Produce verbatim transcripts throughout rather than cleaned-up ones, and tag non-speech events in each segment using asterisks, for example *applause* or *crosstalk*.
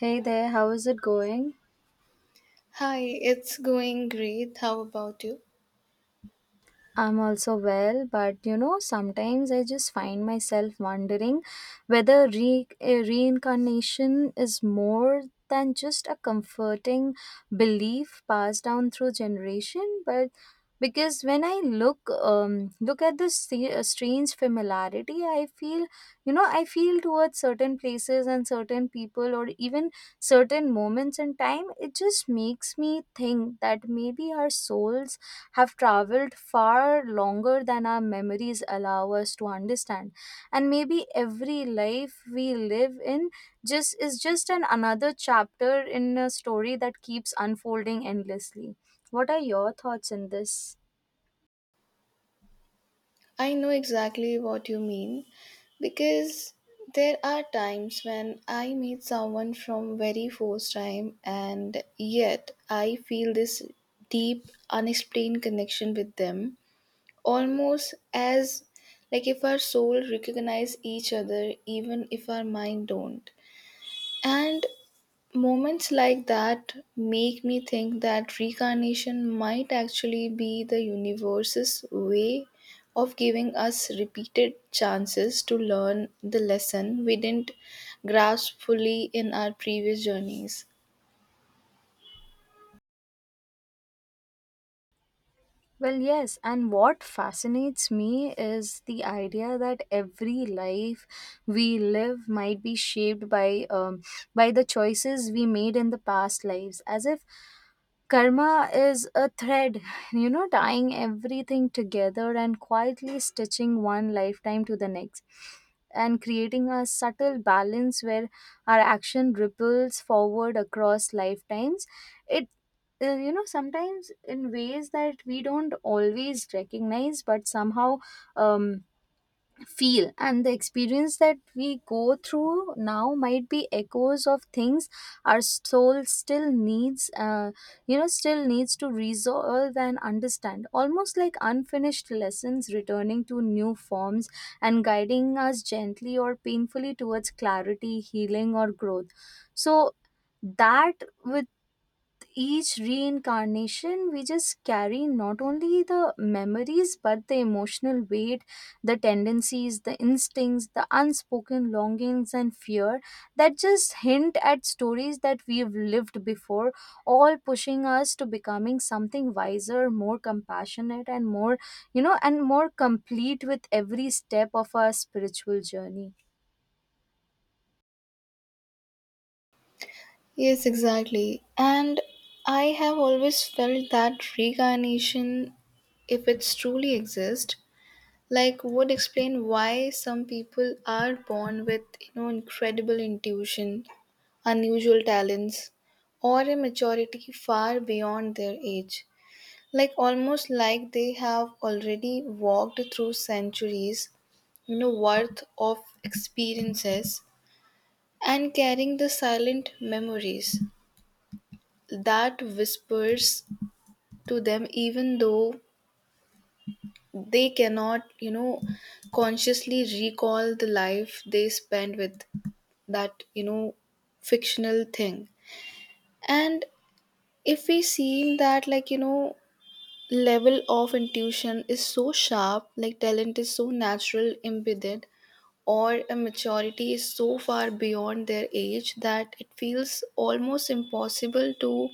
Hey there, how is it going? Hi, it's going great. How about you? I'm also well, but you know, sometimes I just find myself wondering whether re- eh, reincarnation is more than just a comforting belief passed down through generation, but because when I look um, look at this st- uh, strange familiarity I feel you know I feel towards certain places and certain people or even certain moments in time. It just makes me think that maybe our souls have traveled far longer than our memories allow us to understand, and maybe every life we live in just is just an another chapter in a story that keeps unfolding endlessly. What are your thoughts on this? I know exactly what you mean, because there are times when I meet someone from very first time and yet I feel this deep unexplained connection with them, almost as like if our soul recognize each other even if our mind don't. And moments like that make me think that reincarnation might actually be the universe's way of giving us repeated chances to learn the lesson we didn't grasp fully in our previous journeys. Well, yes, and what fascinates me is the idea that every life we live might be shaped by um, by the choices we made in the past lives, as if Karma is a thread, *laughs* you know, tying everything together and quietly stitching one lifetime to the next and creating a subtle balance where our action ripples forward across lifetimes. It, uh, you know, sometimes in ways that we don't always recognize, but somehow um, feel, and the experience that we go through now might be echoes of things our soul still needs uh, you know still needs to resolve and understand, almost like unfinished lessons returning to new forms and guiding us gently or painfully towards clarity, healing, or growth, so that with each reincarnation we just carry not only the memories but the emotional weight, the tendencies, the instincts, the unspoken longings and fear that just hint at stories that we've lived before, all pushing us to becoming something wiser, more compassionate, and more you know and more complete with every step of our spiritual journey. Yes, exactly. And I have always felt that reincarnation, if it truly exists, like would explain why some people are born with you know incredible intuition, unusual talents, or a maturity far beyond their age, like almost like they have already walked through centuries you know worth of experiences, and carrying the silent memories that whispers to them even though they cannot you know consciously recall the life they spent with that you know fictional thing. And if we see that like you know level of intuition is so sharp, like talent is so natural embedded, or a maturity is so far beyond their age that it feels almost impossible to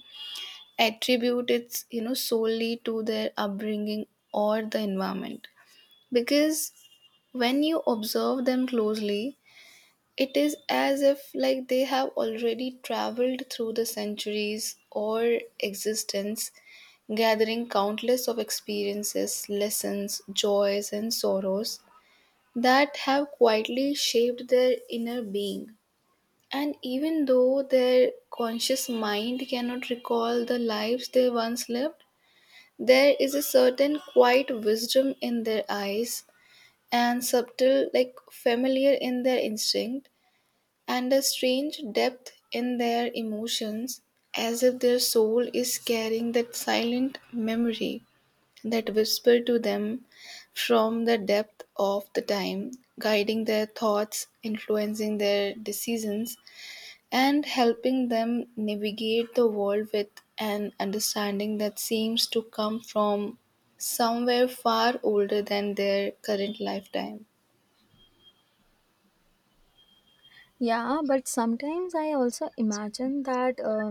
attribute it, you know solely to their upbringing or the environment. Because when you observe them closely, it is as if like they have already traveled through the centuries or existence, gathering countless of experiences, lessons, joys and sorrows that have quietly shaped their inner being. And even though their conscious mind cannot recall the lives they once lived, there is a certain quiet wisdom in their eyes, and subtle, like familiar in their instinct, and a strange depth in their emotions, as if their soul is carrying that silent memory that whisper to them from the depth of the time, guiding their thoughts, influencing their decisions, and helping them navigate the world with an understanding that seems to come from somewhere far older than their current lifetime. Yeah, but sometimes I also imagine that uh,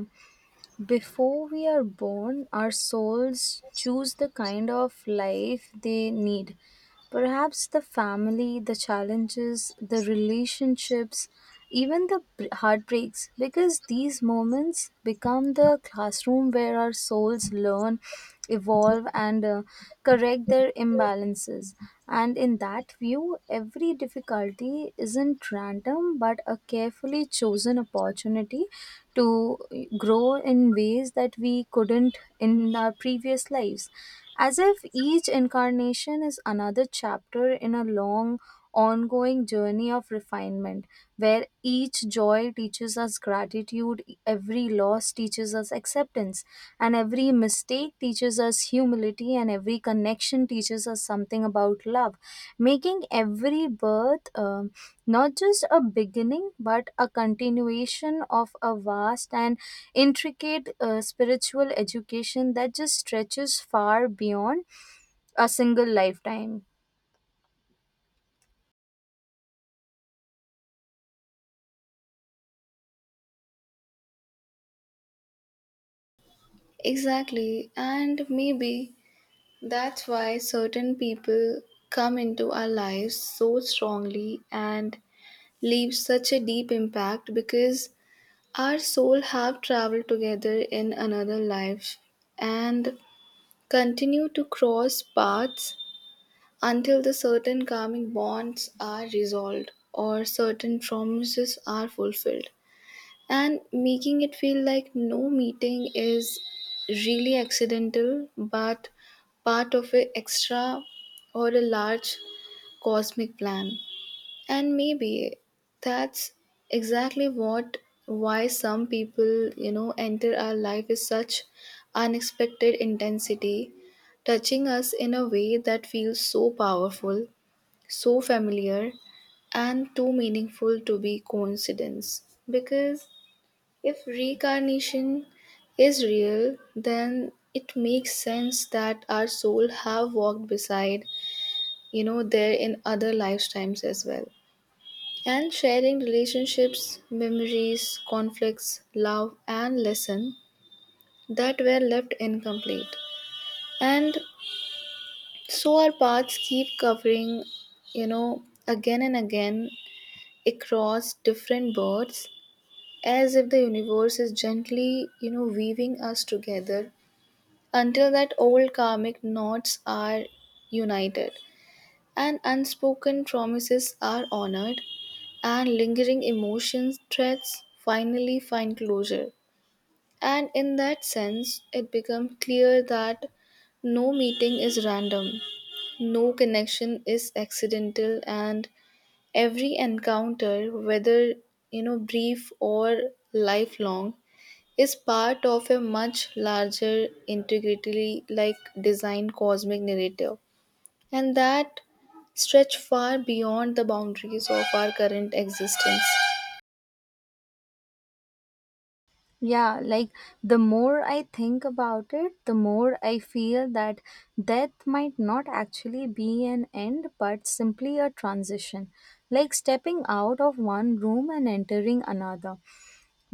before we are born, our souls choose the kind of life they need. Perhaps the family, the challenges, the relationships, even the br- heartbreaks, because these moments become the classroom where our souls learn, evolve, and uh, correct their imbalances. And in that view, every difficulty isn't random but a carefully chosen opportunity to grow in ways that we couldn't in our previous lives. As if each incarnation is another chapter in a long, ongoing journey of refinement, where each joy teaches us gratitude, every loss teaches us acceptance, and every mistake teaches us humility, and every connection teaches us something about love, making every birth. um not just a beginning, but a continuation of a vast and intricate uh, spiritual education that just stretches far beyond a single lifetime. Exactly, and maybe that's why certain people come into our lives so strongly and leave such a deep impact, because our soul have traveled together in another life and continue to cross paths until the certain karmic bonds are resolved or certain promises are fulfilled, and making it feel like no meeting is really accidental but part of an extra or a large cosmic plan. And maybe that's exactly what, why some people you know enter our life with such unexpected intensity, touching us in a way that feels so powerful, so familiar, and too meaningful to be coincidence, because if reincarnation is real, then it makes sense that our soul have walked beside, you know, there in other lifetimes as well. And sharing relationships, memories, conflicts, love and lesson that were left incomplete. And so our paths keep covering, you know, again and again across different births, as if the universe is gently, you know, weaving us together until that old karmic knots are united, and unspoken promises are honored, and lingering emotions threads finally find closure. And in that sense, it becomes clear that no meeting is random, no connection is accidental, and every encounter, whether you know brief or lifelong, is part of a much larger integrity like design cosmic narrative, and that stretch far beyond the boundaries of our current existence. Yeah, like the more I think about it, the more I feel that death might not actually be an end, but simply a transition, like stepping out of one room and entering another,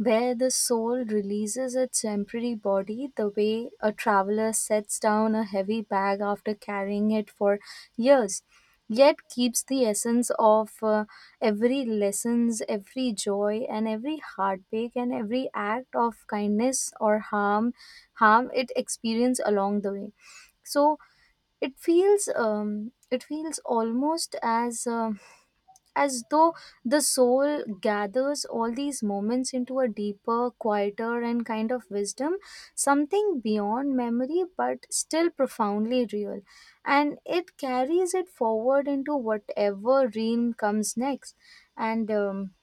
where the soul releases its temporary body the way a traveler sets down a heavy bag after carrying it for years, yet keeps the essence of uh, every lessons, every joy, and every heartbreak, and every act of kindness or harm harm it experienced along the way. So it feels um, it feels almost as um, as though the soul gathers all these moments into a deeper, quieter, and kind of wisdom, something beyond memory but still profoundly real. And it carries it forward into whatever realm comes next. And um,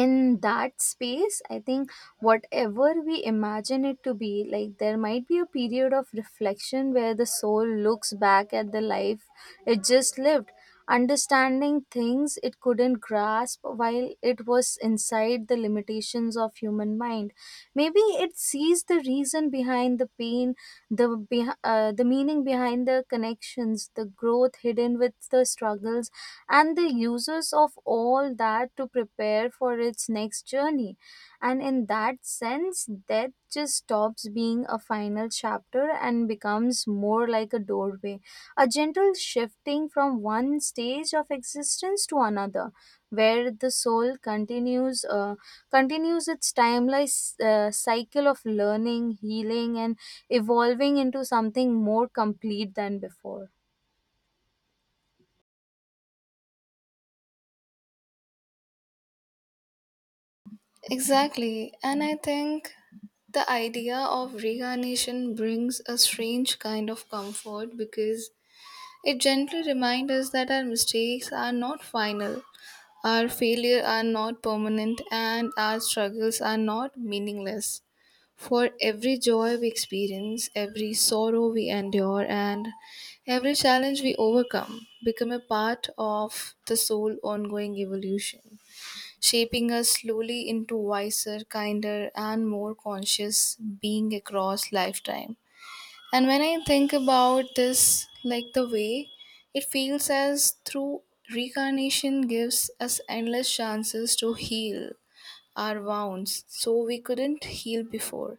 in that space I think, whatever we imagine it to be, like there might be a period of reflection where the soul looks back at the life it just lived, understanding things it couldn't grasp while it was inside the limitations of human mind. Maybe it sees the reason behind the pain, the beh- uh, the meaning behind the connections, the growth hidden with the struggles, and the uses of all that to prepare for its next journey. And in that sense, death just stops being a final chapter and becomes more like a doorway, a gentle shifting from one stage of existence to another, where the soul continues uh, continues its timeless uh, cycle of learning, healing, and evolving into something more complete than before. Exactly, and I think the idea of reincarnation brings a strange kind of comfort, because it gently reminds us that our mistakes are not final. Our failures are not permanent, and our struggles are not meaningless. For every joy we experience, every sorrow we endure, and every challenge we overcome become a part of the soul ongoing evolution, shaping us slowly into wiser, kinder, and more conscious being across lifetime. And when I think about this, like the way it feels as through reincarnation gives us endless chances to heal our wounds so we couldn't heal before,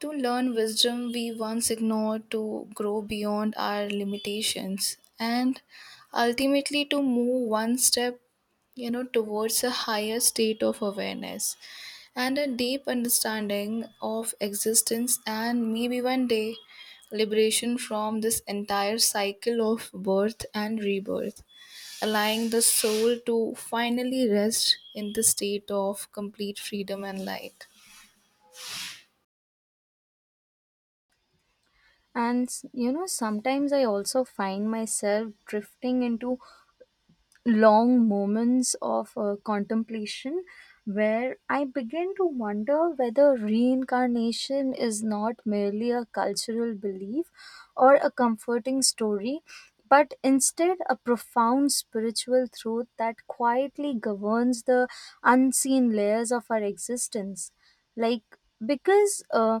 to learn wisdom we once ignored, to grow beyond our limitations, and ultimately to move one step you know towards a higher state of awareness and a deep understanding of existence, and maybe one day liberation from this entire cycle of birth and rebirth, allowing the soul to finally rest in the state of complete freedom and light. And s- you know, sometimes I also find myself drifting into long moments of uh, contemplation where I began to wonder whether reincarnation is not merely a cultural belief or a comforting story, but instead a profound spiritual truth that quietly governs the unseen layers of our existence. Like, because uh,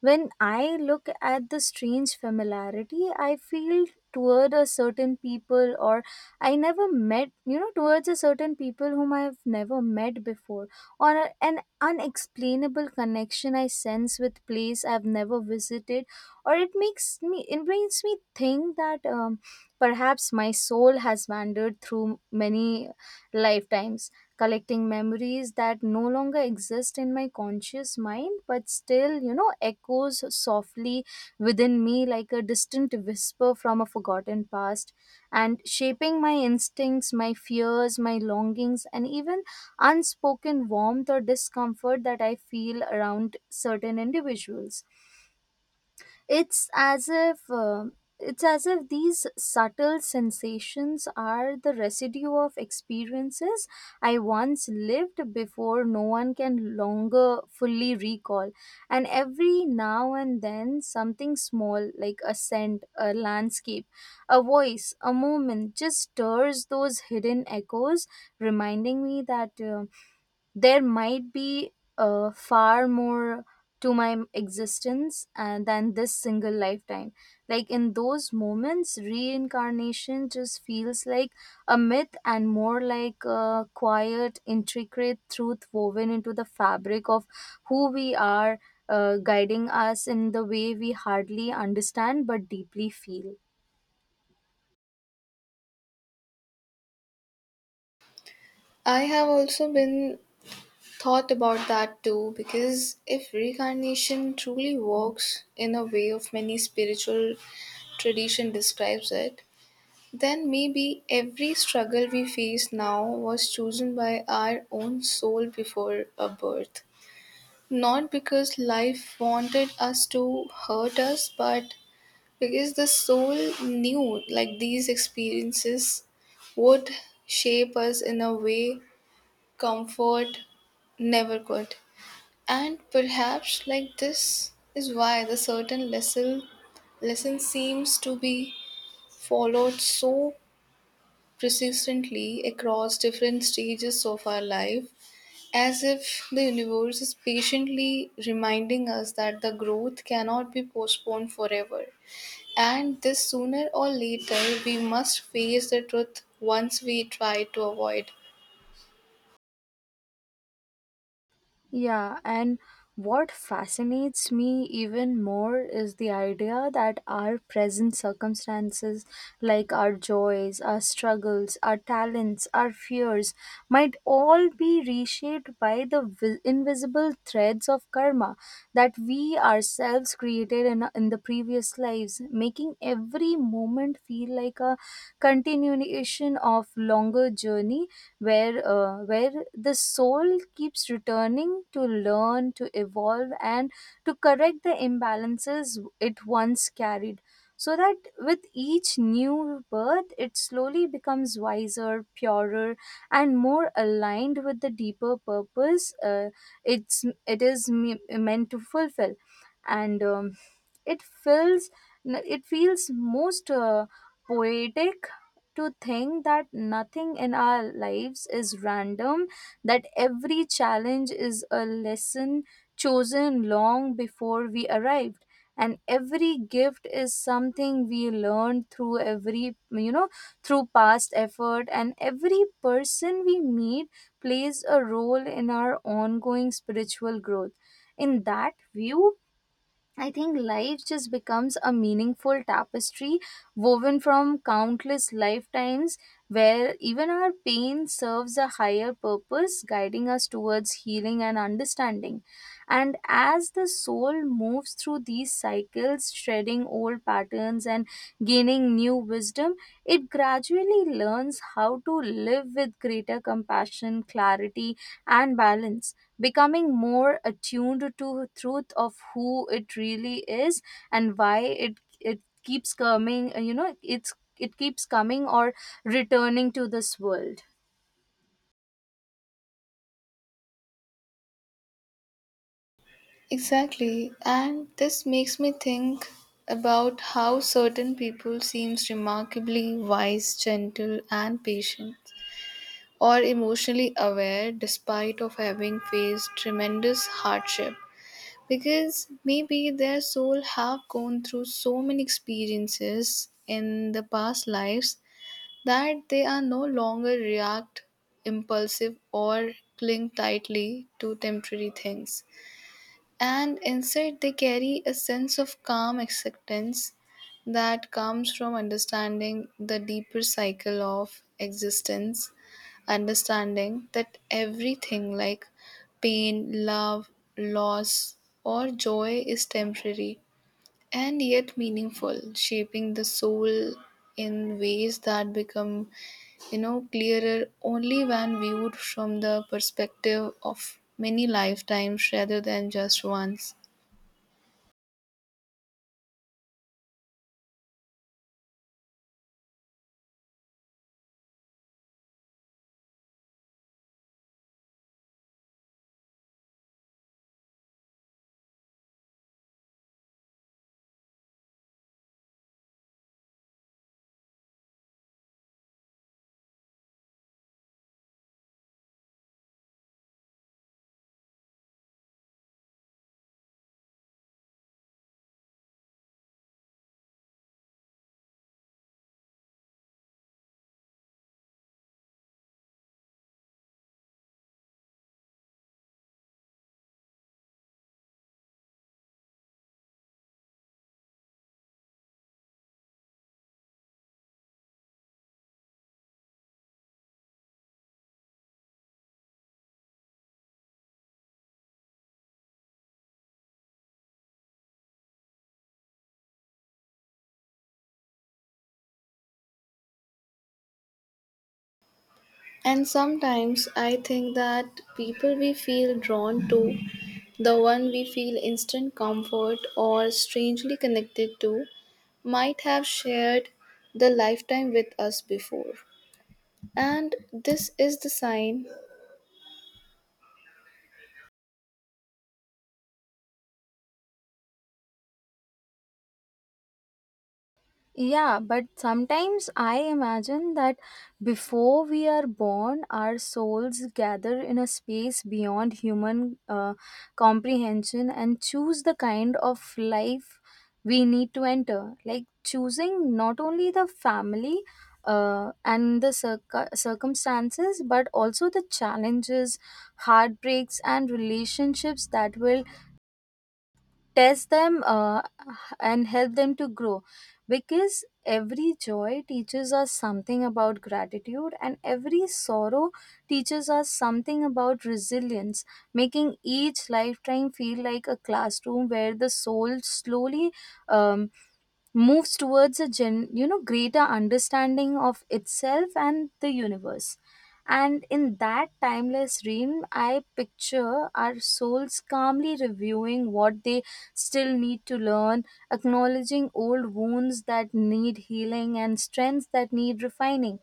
when I look at the strange familiarity I feel toward a certain people, or I never met, you know, towards a certain people whom I've never met before, or a- an unexplainable connection I sense with place I've never visited, or it makes me, it makes me think that um, perhaps my soul has wandered through many lifetimes, collecting memories that no longer exist in my conscious mind, but still, you know, echoes softly within me like a distant whisper from a forgotten past, and shaping my instincts, my fears, my longings, and even unspoken warmth or discomfort that I feel around certain individuals. It's as if um it's as if these subtle sensations are the residue of experiences I once lived before no one can longer fully recall. And every now and then, something small like a scent, a landscape, a voice, a moment just stirs those hidden echoes, reminding me that. um there might be uh, far more to my existence uh, than this single lifetime. Like in those moments, reincarnation just feels like a myth and more like a quiet, intricate truth woven into the fabric of who we are, uh, guiding us in the way we hardly understand but deeply feel. I have also been thought about that too, because if reincarnation truly works in a way of many spiritual tradition describes it, then maybe every struggle we face now was chosen by our own soul before a birth. Not because life wanted us to hurt us, but because the soul knew like these experiences would shape us in a way comfort never could. And perhaps like this is why the certain lesson lesson seems to be followed so persistently across different stages of our life, as if the universe is patiently reminding us that the growth cannot be postponed forever, and this sooner or later we must face the truth once we try to avoid. Yeah, and what fascinates me even more is the idea that our present circumstances, like our joys, our struggles, our talents, our fears, might all be reshaped by the vi- invisible threads of karma that we ourselves created in, in the previous lives, making every moment feel like a continuation of longer journey where uh, where the soul keeps returning to learn, to evolve, and to correct the imbalances it once carried, so that with each new birth it slowly becomes wiser, purer, and more aligned with the deeper purpose uh, it's it is me- meant to fulfill. And um, it feels it feels most uh, poetic to think that nothing in our lives is random, that every challenge is a lesson chosen long before we arrived, and every gift is something we learned through every you know through past effort, and every person we meet plays a role in our ongoing spiritual growth. In that view, I think life just becomes a meaningful tapestry woven from countless lifetimes where even our pain serves a higher purpose, guiding us towards healing and understanding. And as the soul moves through these cycles, shredding old patterns and gaining new wisdom, it gradually learns how to live with greater compassion, clarity, and balance, becoming more attuned to the truth of who it really is and why it it keeps coming. You know, it's it keeps coming or returning to this world. Exactly, and this makes me think about how certain people seems remarkably wise, gentle and patient or emotionally aware despite of having faced tremendous hardship, because maybe their soul have gone through so many experiences in the past lives that they are no longer react impulsive or cling tightly to temporary things, and instead they carry a sense of calm acceptance that comes from understanding the deeper cycle of existence, understanding that everything like pain, love, loss, or joy is temporary and yet meaningful, shaping the soul in ways that become, you know, clearer only when viewed from the perspective of many lifetimes rather than just one's. And sometimes I think that people we feel drawn to, the one we feel instant comfort or strangely connected to, might have shared the lifetime with us before. And this is the sign. Yeah, but sometimes I imagine that before we are born, our souls gather in a space beyond human uh, comprehension and choose the kind of life we need to enter. Like choosing not only the family uh, and the circ- circumstances, but also the challenges, heartbreaks, and relationships that will test them uh, and help them to grow, because every joy teaches us something about gratitude and every sorrow teaches us something about resilience, making each lifetime feel like a classroom where the soul slowly um, moves towards a gen- you know, greater understanding of itself and the universe. And in that timeless dream, I picture our souls calmly reviewing what they still need to learn, acknowledging old wounds that need healing and strengths that need refining,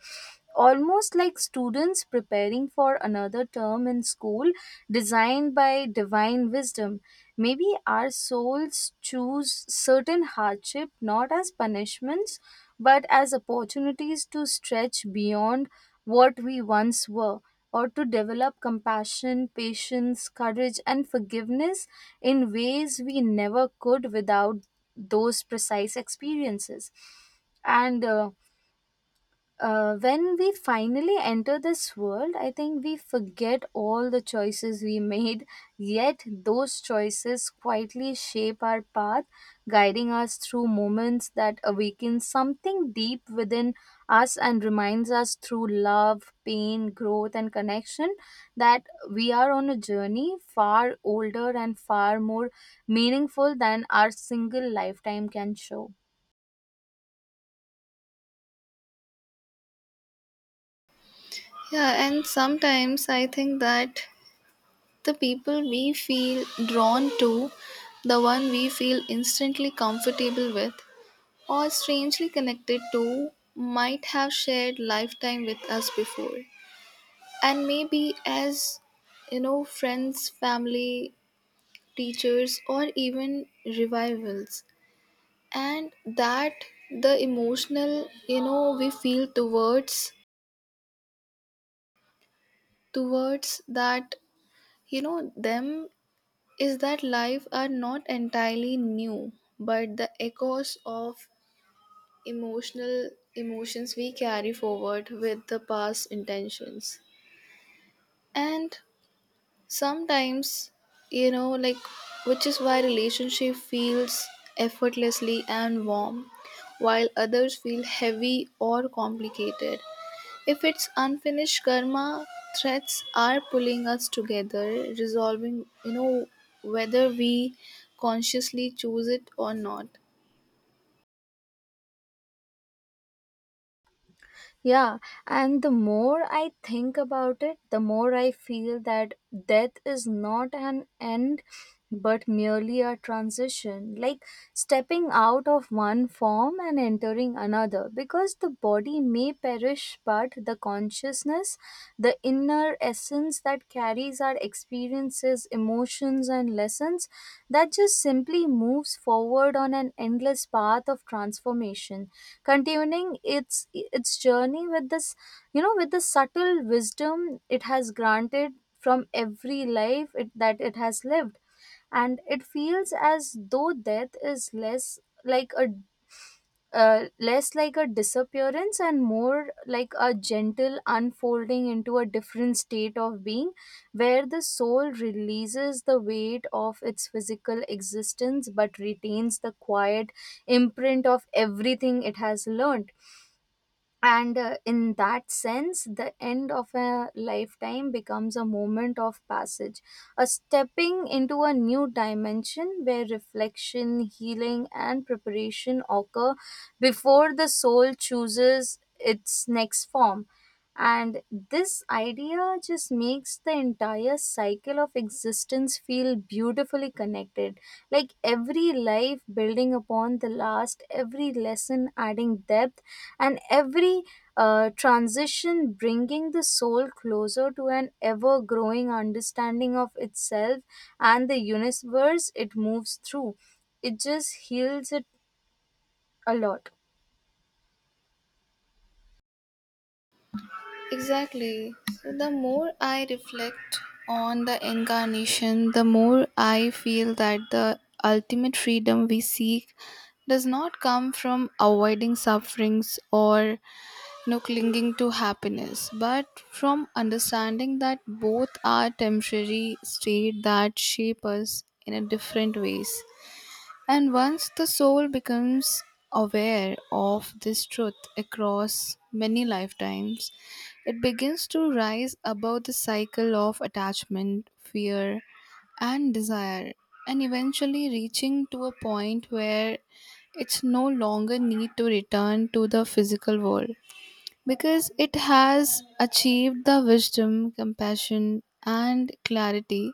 almost like students preparing for another term in school designed by divine wisdom. Maybe our souls choose certain hardship not as punishments but as opportunities to stretch beyond what we once were, or to develop compassion, patience, courage, and forgiveness in ways we never could without those precise experiences. And uh, uh, when we finally enter this world, I think we forget all the choices we made, yet those choices quietly shape our path, guiding us through moments that awaken something deep within us and reminds us through love, pain, growth, and connection that we are on a journey far older and far more meaningful than our single lifetime can show. Yeah, and sometimes I think that the people we feel drawn to, the one we feel instantly comfortable with or strangely connected to, might have shared lifetime with us before. And maybe as you know, friends, family, teachers, or even revivals. And that the emotional, you know, we feel towards towards that you know them is that life are not entirely new, but the echoes of emotional emotions we carry forward with the past intentions. And sometimes you know like which is why relationship feels effortlessly and warm while others feel heavy or complicated, if it's unfinished karma, threats are pulling us together, resolving, you know, whether we consciously choose it or not. Yeah, and the more I think about it, the more I feel that death is not an end but merely a transition, like stepping out of one form and entering another. Because the body may perish, but the consciousness, the inner essence that carries our experiences, experiences, emotions, and lessons, that just simply moves forward on an endless path of transformation, continuing its its journey with this, you know, with the subtle wisdom it has granted from every life it, that it has lived. And it feels as though death is less like a uh, less like a disappearance and more like a gentle unfolding into a different state of being, where the soul releases the weight of its physical existence but retains the quiet imprint of everything it has learned. And uh, in that sense, the end of a lifetime becomes a moment of passage, a stepping into a new dimension where reflection, healing, and preparation occur before the soul chooses its next form. And this idea just makes the entire cycle of existence feel beautifully connected. Like every life building upon the last, every lesson adding depth, and every uh, transition bringing the soul closer to an ever growing understanding of itself and the universe it moves through. It just heals it a lot. Exactly. So the more I reflect on the incarnation, the more I feel that the ultimate freedom we seek does not come from avoiding sufferings or no clinging to happiness, but from understanding that both are temporary state that shape us in a different ways. And once the soul becomes aware of this truth across many lifetimes, it begins to rise above the cycle of attachment, fear, and desire, and eventually reaching to a point where it's no longer need to return to the physical world, because it has achieved the wisdom, compassion, and clarity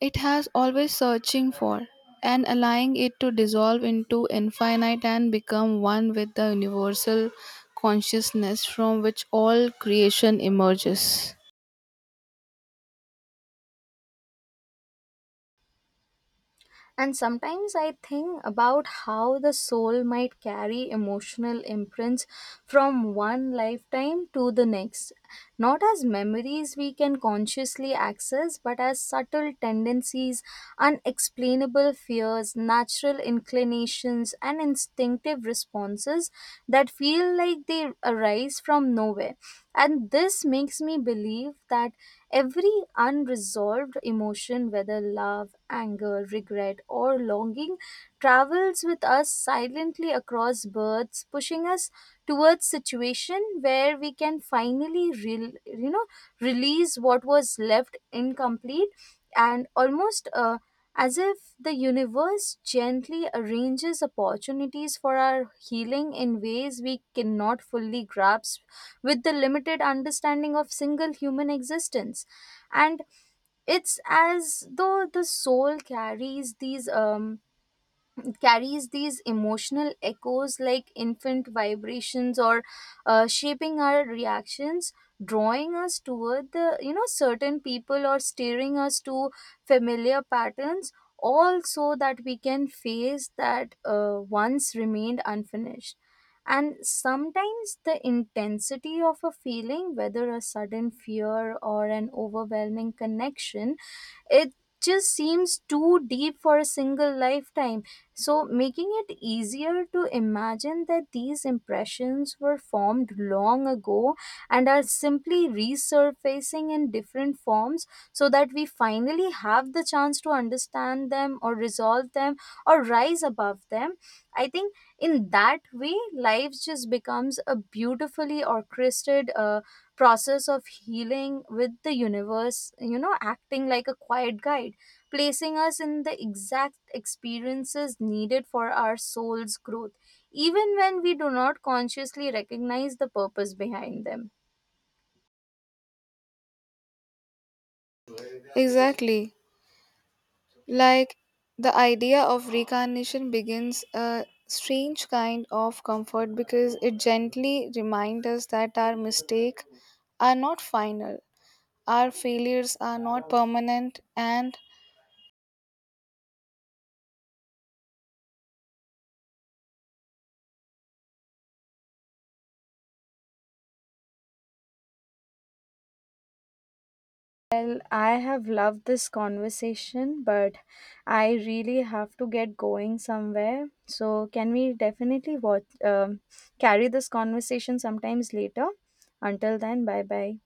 it has always searching for, and allowing it to dissolve into infinite and become one with the universal consciousness from which all creation emerges. And sometimes I think about how the soul might carry emotional imprints from one lifetime to the next, not as memories we can consciously access, but as subtle tendencies, unexplainable fears, natural inclinations, and instinctive responses that feel like they arise from nowhere. And this makes me believe that every unresolved emotion, whether love, anger, regret, or longing, travels with us silently across births, pushing us towards situation where we can finally re- you know, release what was left incomplete, and almost uh, as if the universe gently arranges opportunities for our healing in ways we cannot fully grasp with the limited understanding of single human existence. And it's as though the soul carries these um, it carries these emotional echoes like infant vibrations, or uh, shaping our reactions, drawing us toward the you know certain people, or steering us to familiar patterns, all so that we can face that uh, once remained unfinished. And sometimes the intensity of a feeling, whether a sudden fear or an overwhelming connection, it just seems too deep for a single lifetime. So, making it easier to imagine that these impressions were formed long ago and are simply resurfacing in different forms so that we finally have the chance to understand them, or resolve them, or rise above them. I think in that way, life just becomes a beautifully orchestrated. Uh, process of healing, with the universe, you know, acting like a quiet guide, placing us in the exact experiences needed for our soul's growth, even when we do not consciously recognize the purpose behind them. Exactly. Like, the idea of reincarnation begins a strange kind of comfort, because it gently reminds us that our mistakes are not final. Our failures are not permanent, and Well, I have loved this conversation, but I really have to get going somewhere. So, can we definitely watch, um, carry this conversation sometimes later? Until then, bye bye.